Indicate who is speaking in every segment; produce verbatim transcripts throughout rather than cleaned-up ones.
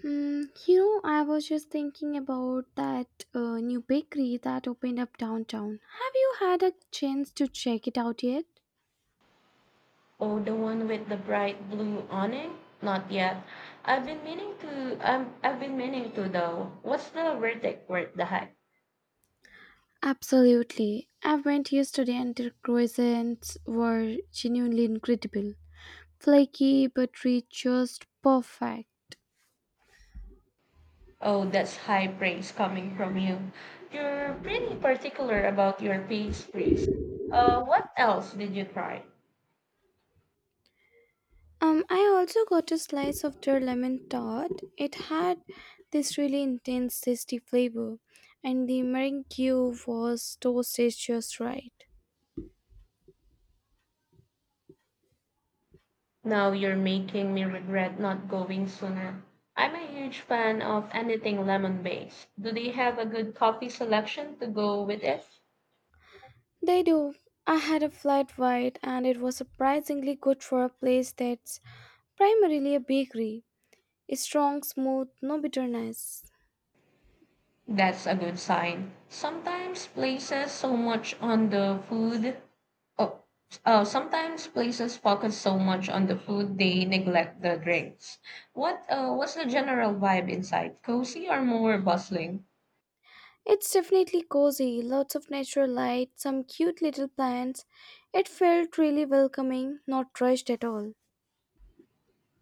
Speaker 1: Hmm, you know, I was just thinking about that uh, new bakery that opened up downtown. Have you had a chance to check it out yet?
Speaker 2: Oh, the one with the bright blue on it? Not yet. I've been meaning to. Um, I've been meaning to though. What's the verdict worth the hype?
Speaker 1: Absolutely. I went yesterday and their croissants were genuinely incredible. Flaky, buttery, just perfect.
Speaker 2: Oh, that's high praise coming from you. You're pretty particular about your pastries. Uh, what else did you try?
Speaker 1: Um, I also got a slice of their lemon tart. It had this really intense, tasty flavor, and the meringue was toasted just right.
Speaker 2: Now you're making me regret not going sooner. I'm a huge fan of anything lemon based. Do they have a good coffee selection to go with it?
Speaker 1: They do. I had a flat white and it was surprisingly good for a place that's primarily a bakery. It's strong, smooth, no bitterness.
Speaker 2: That's a good sign. Sometimes places so much on the food. Oh, uh, Sometimes places focus so much on the food they neglect the drinks. What uh, what's the general vibe inside? Cozy or more bustling?
Speaker 1: It's definitely cozy, lots of natural light, some cute little plants. It felt really welcoming, not rushed at all.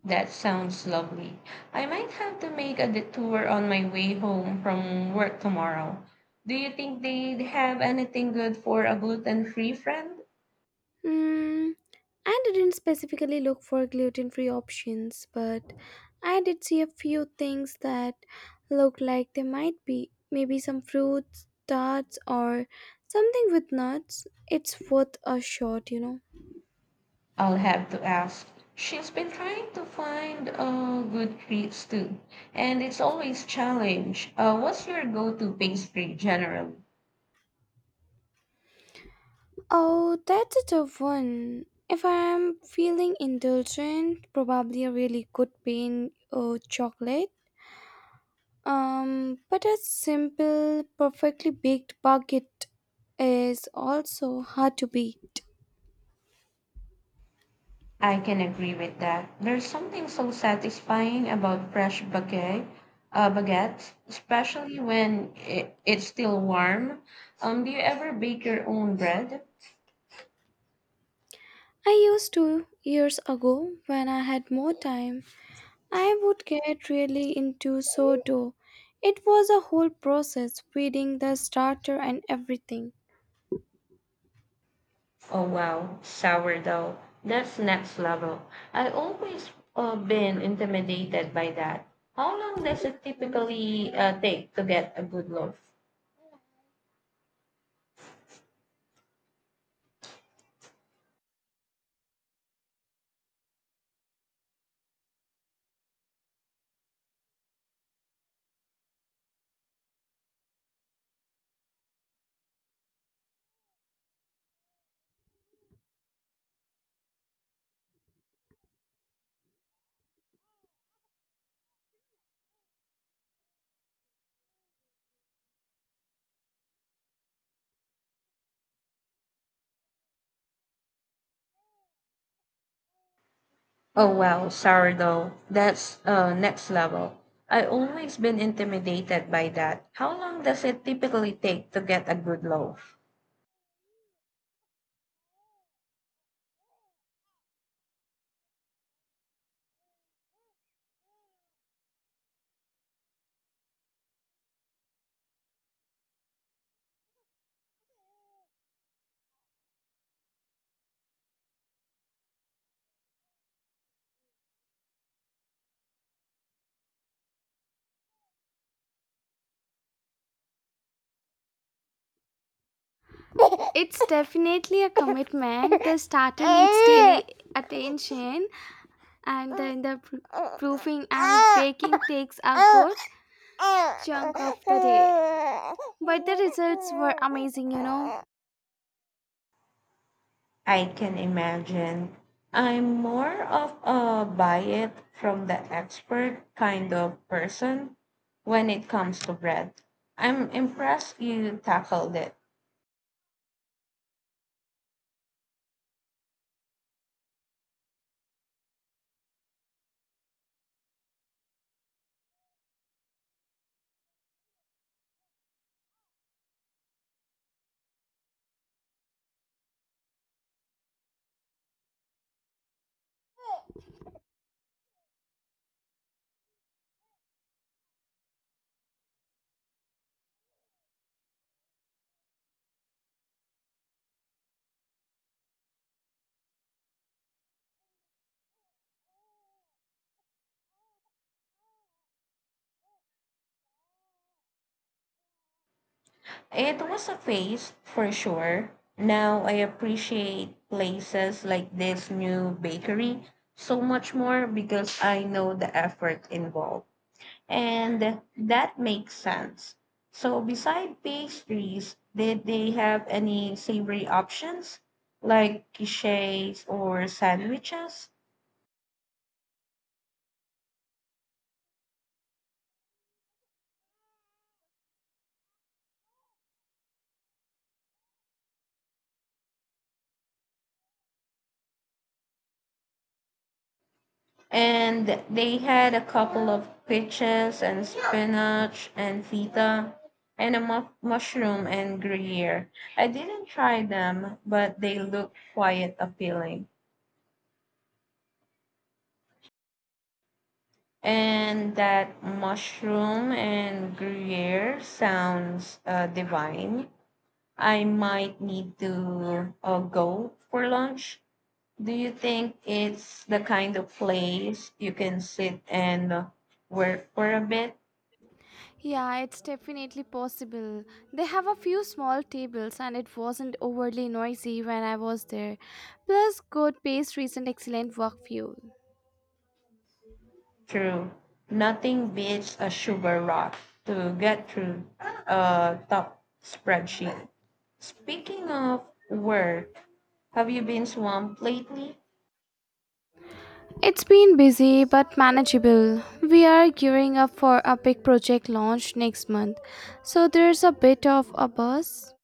Speaker 2: That sounds lovely. I might have to make a detour on my way home from work tomorrow. Do you think they'd have anything good for a gluten-free friend?
Speaker 1: Mm, I didn't specifically look for gluten free options, but I did see a few things that looked like they might be. Maybe some fruits, tarts, or something with nuts. It's worth a shot, you know.
Speaker 2: I'll have to ask. She's been trying to find a good place too, and it's always challenge. Uh, what's your go-to pastry generally?
Speaker 1: Oh, that's a tough one. If I'm feeling indulgent, probably a really good pain or chocolate. Um, but a simple, perfectly baked baguette is also hard to beat.
Speaker 2: I can agree with that. There's something so satisfying about fresh baguette, uh, baguettes, especially when it it's still warm. Um, do you ever bake your own bread?
Speaker 1: I used to years ago when I had more time. I would get really into sourdough. It was a whole process, feeding the starter and everything.
Speaker 2: Oh wow, sourdough. That's next level. I always uh, been intimidated by that. How long does it typically uh, take to get a good loaf? Oh wow, sourdough. That's uh, next level. I always been intimidated by that. How long does it typically take to get a good loaf?
Speaker 1: It's definitely a commitment. The starter needs daily attention, and then the pr- proofing and baking takes a chunk of the day. But the results were amazing, you know.
Speaker 2: I can imagine. I'm more of a buy it from the expert kind of person when it comes to bread. I'm impressed you tackled it. It was a phase for sure. Now I appreciate places like this new bakery so much more because I know the effort involved. And that makes sense. So, beside pastries, did they have any savory options like quiches or sandwiches? And they had a couple of peaches and spinach and feta and a mu- mushroom and gruyere. I didn't try them, but they look quite appealing. And that mushroom and gruyere sounds uh, divine. I might need to uh, go for lunch. Do you think it's the kind of place you can sit and uh, work for a bit?
Speaker 1: Yeah, it's definitely possible. They have a few small tables and it wasn't overly noisy when I was there. Plus, good pastries and excellent work fuel.
Speaker 2: True. Nothing beats a sugar rush to get through a tough spreadsheet. Speaking of work, have you been swamped lately?
Speaker 1: It's been busy but manageable. We are gearing up for a big project launch next month, so there's a bit of a buzz.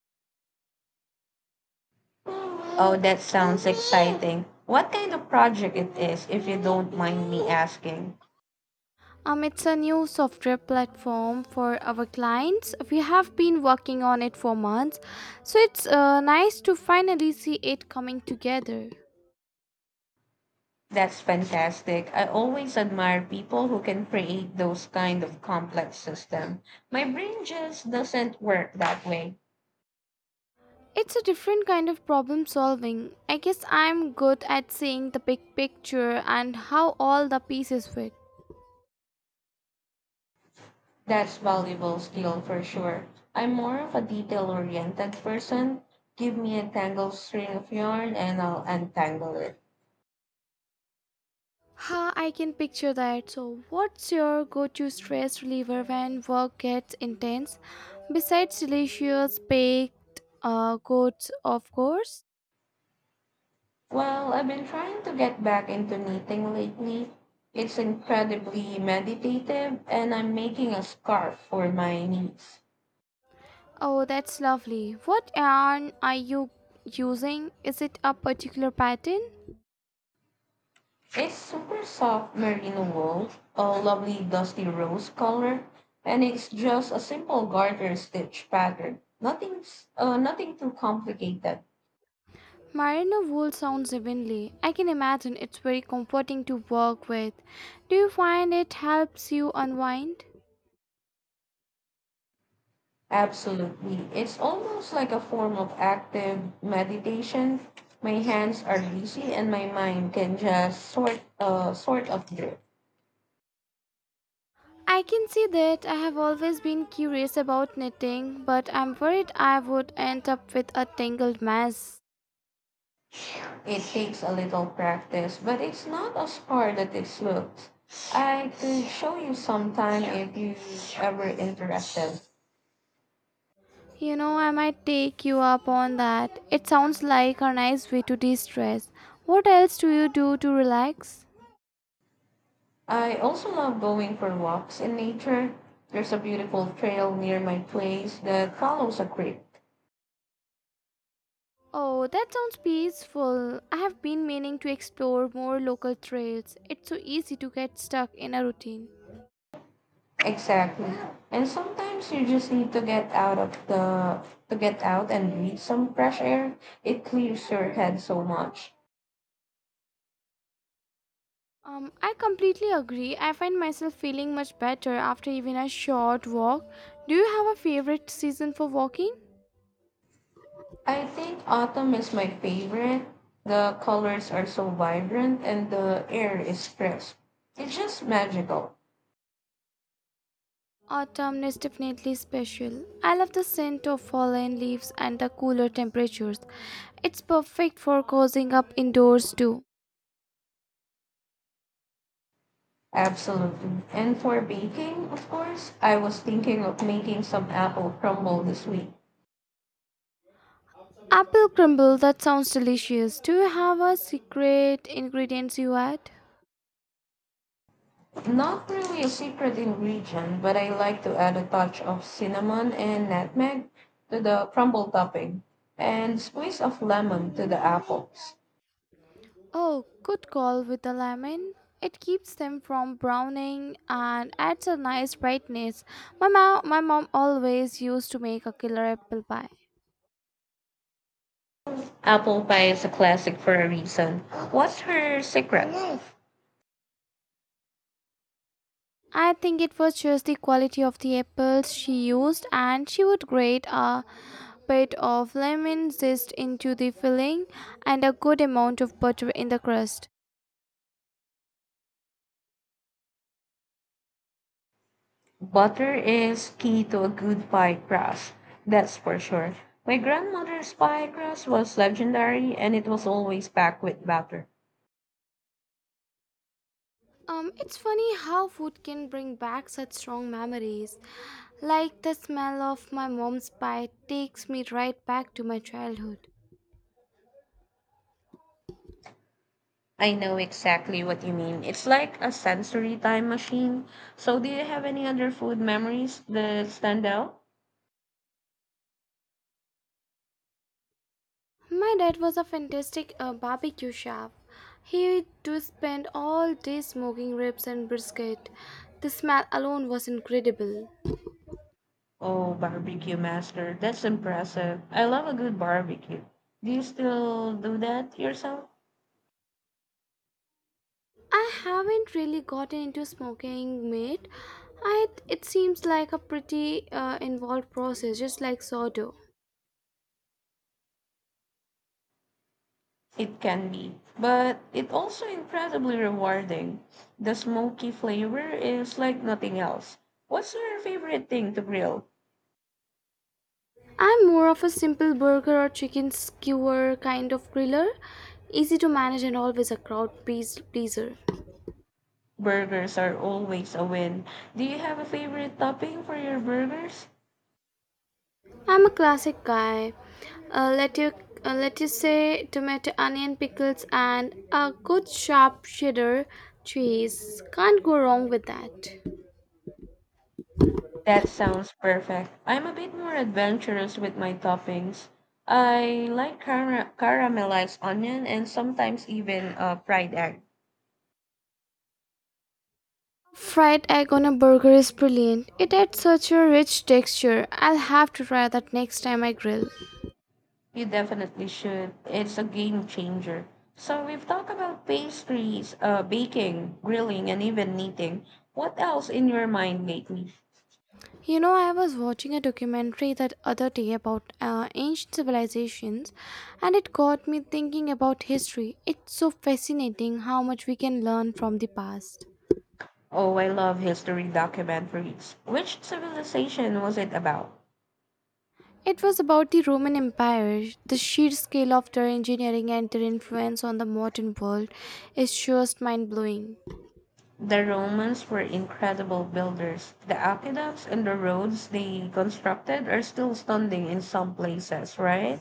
Speaker 2: Oh, that sounds exciting. What kind of project it is, if you don't mind me asking?
Speaker 1: Um, it's a new software platform for our clients. We have been working on it for months, so it's uh, nice to finally see it coming together.
Speaker 2: That's fantastic. I always admire people who can create those kind of complex system. My brain just doesn't work that way.
Speaker 1: It's a different kind of problem solving. I guess I'm good at seeing the big picture and how all the pieces fit.
Speaker 2: That's valuable skill for sure. I'm more of a detail oriented person. Give me a tangled string of yarn and I'll untangle it.
Speaker 1: Ha, I can picture that. So, what's your go to stress reliever when work gets intense? Besides delicious baked uh, goods, of course.
Speaker 2: Well, I've been trying to get back into knitting lately. It's incredibly meditative and I'm making a scarf for my niece.
Speaker 1: Oh, that's lovely. What yarn are you using? Is it a particular pattern?
Speaker 2: It's super soft merino wool, a lovely dusty rose color, and it's just a simple garter stitch pattern. Nothing's uh, nothing too complicated.
Speaker 1: Merino wool sounds heavenly. I can imagine it's very comforting to work with. Do you find it helps you unwind?
Speaker 2: Absolutely. It's almost like a form of active meditation. My hands are busy and my mind can just sort uh, sort of drift.
Speaker 1: I can see that I have always been curious about knitting, but I'm worried I would end up with a tangled mess.
Speaker 2: It takes a little practice, but it's not as hard as it looks. I could show you sometime if you ever interested.
Speaker 1: You know, I might take you up on that. It sounds like a nice way to de stress. What else do you do to relax?
Speaker 2: I also love going for walks in nature. There's a beautiful trail near my place that follows a creek.
Speaker 1: Oh, that sounds peaceful. I have been meaning to explore more local trails. It's so easy to get stuck in a routine.
Speaker 2: Exactly. And sometimes you just need to get out of the to get out and breathe some fresh air. It clears your head so much.
Speaker 1: Um, I completely agree. I find myself feeling much better after even a short walk. Do you have a favorite season for walking?
Speaker 2: I think autumn is my favorite. The colors are so vibrant and the air is crisp. It's just magical.
Speaker 1: Autumn is definitely special. I love the scent of fallen leaves and the cooler temperatures. It's perfect for cozying up indoors too.
Speaker 2: Absolutely. And for baking, of course, I was thinking of making some apple crumble this week.
Speaker 1: Apple crumble, that sounds delicious. Do you have a secret ingredients you add?
Speaker 2: Not really a secret ingredient, but I like to add a touch of cinnamon and nutmeg to the crumble topping and squeeze of lemon to the apples.
Speaker 1: Oh, good call with the lemon. It keeps them from browning and adds a nice brightness. My mom, my mom always used to make a killer apple pie.
Speaker 2: Apple pie is a classic for a reason. What's her secret?
Speaker 1: I think it was just the quality of the apples she used, and she would grate a bit of lemon zest into the filling and a good amount of butter in the crust.
Speaker 2: Butter is key to a good pie crust, that's for sure. My grandmother's pie crust was legendary and it was always packed with butter.
Speaker 1: Um, it's funny how food can bring back such strong memories. Like the smell of my mom's pie takes me right back to my childhood.
Speaker 2: I know exactly what you mean. It's like a sensory time machine. So, do you have any other food memories that stand out?
Speaker 1: My dad was a fantastic uh, barbecue chef. He do spend all day smoking ribs and brisket. The smell alone was incredible.
Speaker 2: Oh, barbecue master, that's impressive. I love a good barbecue. Do you still do that yourself?
Speaker 1: I haven't really gotten into smoking meat. I, it seems like a pretty uh, involved process, just like sourdough.
Speaker 2: It can be, but it also incredibly rewarding. The smoky flavor is like nothing else. What's your favorite thing to grill?
Speaker 1: I'm more of a simple burger or chicken skewer kind of griller, easy to manage and always a crowd pleas- pleaser.
Speaker 2: Burgers are always a win. Do you have a favorite topping for your burgers?
Speaker 1: I'm a classic guy. Uh, let you uh, Let you say tomato, onion, pickles, and a good sharp cheddar cheese. Can't go wrong with that.
Speaker 2: That sounds perfect. I'm a bit more adventurous with my toppings. I like cara- caramelized onion and sometimes even a fried egg.
Speaker 1: Fried egg on a burger is brilliant. It adds such a rich texture. I'll have to try that next time I grill.
Speaker 2: You definitely should. It's a game changer. So we've talked about pastries, uh, baking, grilling, and even knitting. What else in your mind lately?
Speaker 1: You know, I was watching a documentary that other day about uh, ancient civilizations, and it got me thinking about history. It's so fascinating how much we can learn from the past.
Speaker 2: Oh, I love history documentaries. Which civilization was it about?
Speaker 1: It was about the Roman Empire. The sheer scale of their engineering and their influence on the modern world is just mind blowing.
Speaker 2: The Romans were incredible builders. The aqueducts and the roads they constructed are still standing in some places, right?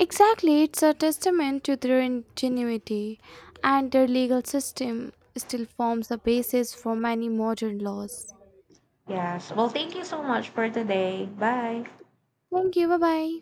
Speaker 1: Exactly, it's a testament to their ingenuity, and their legal system still forms the basis for many modern laws.
Speaker 2: Yes. Well, thank you so much for today. Bye.
Speaker 1: Thank you, bye bye.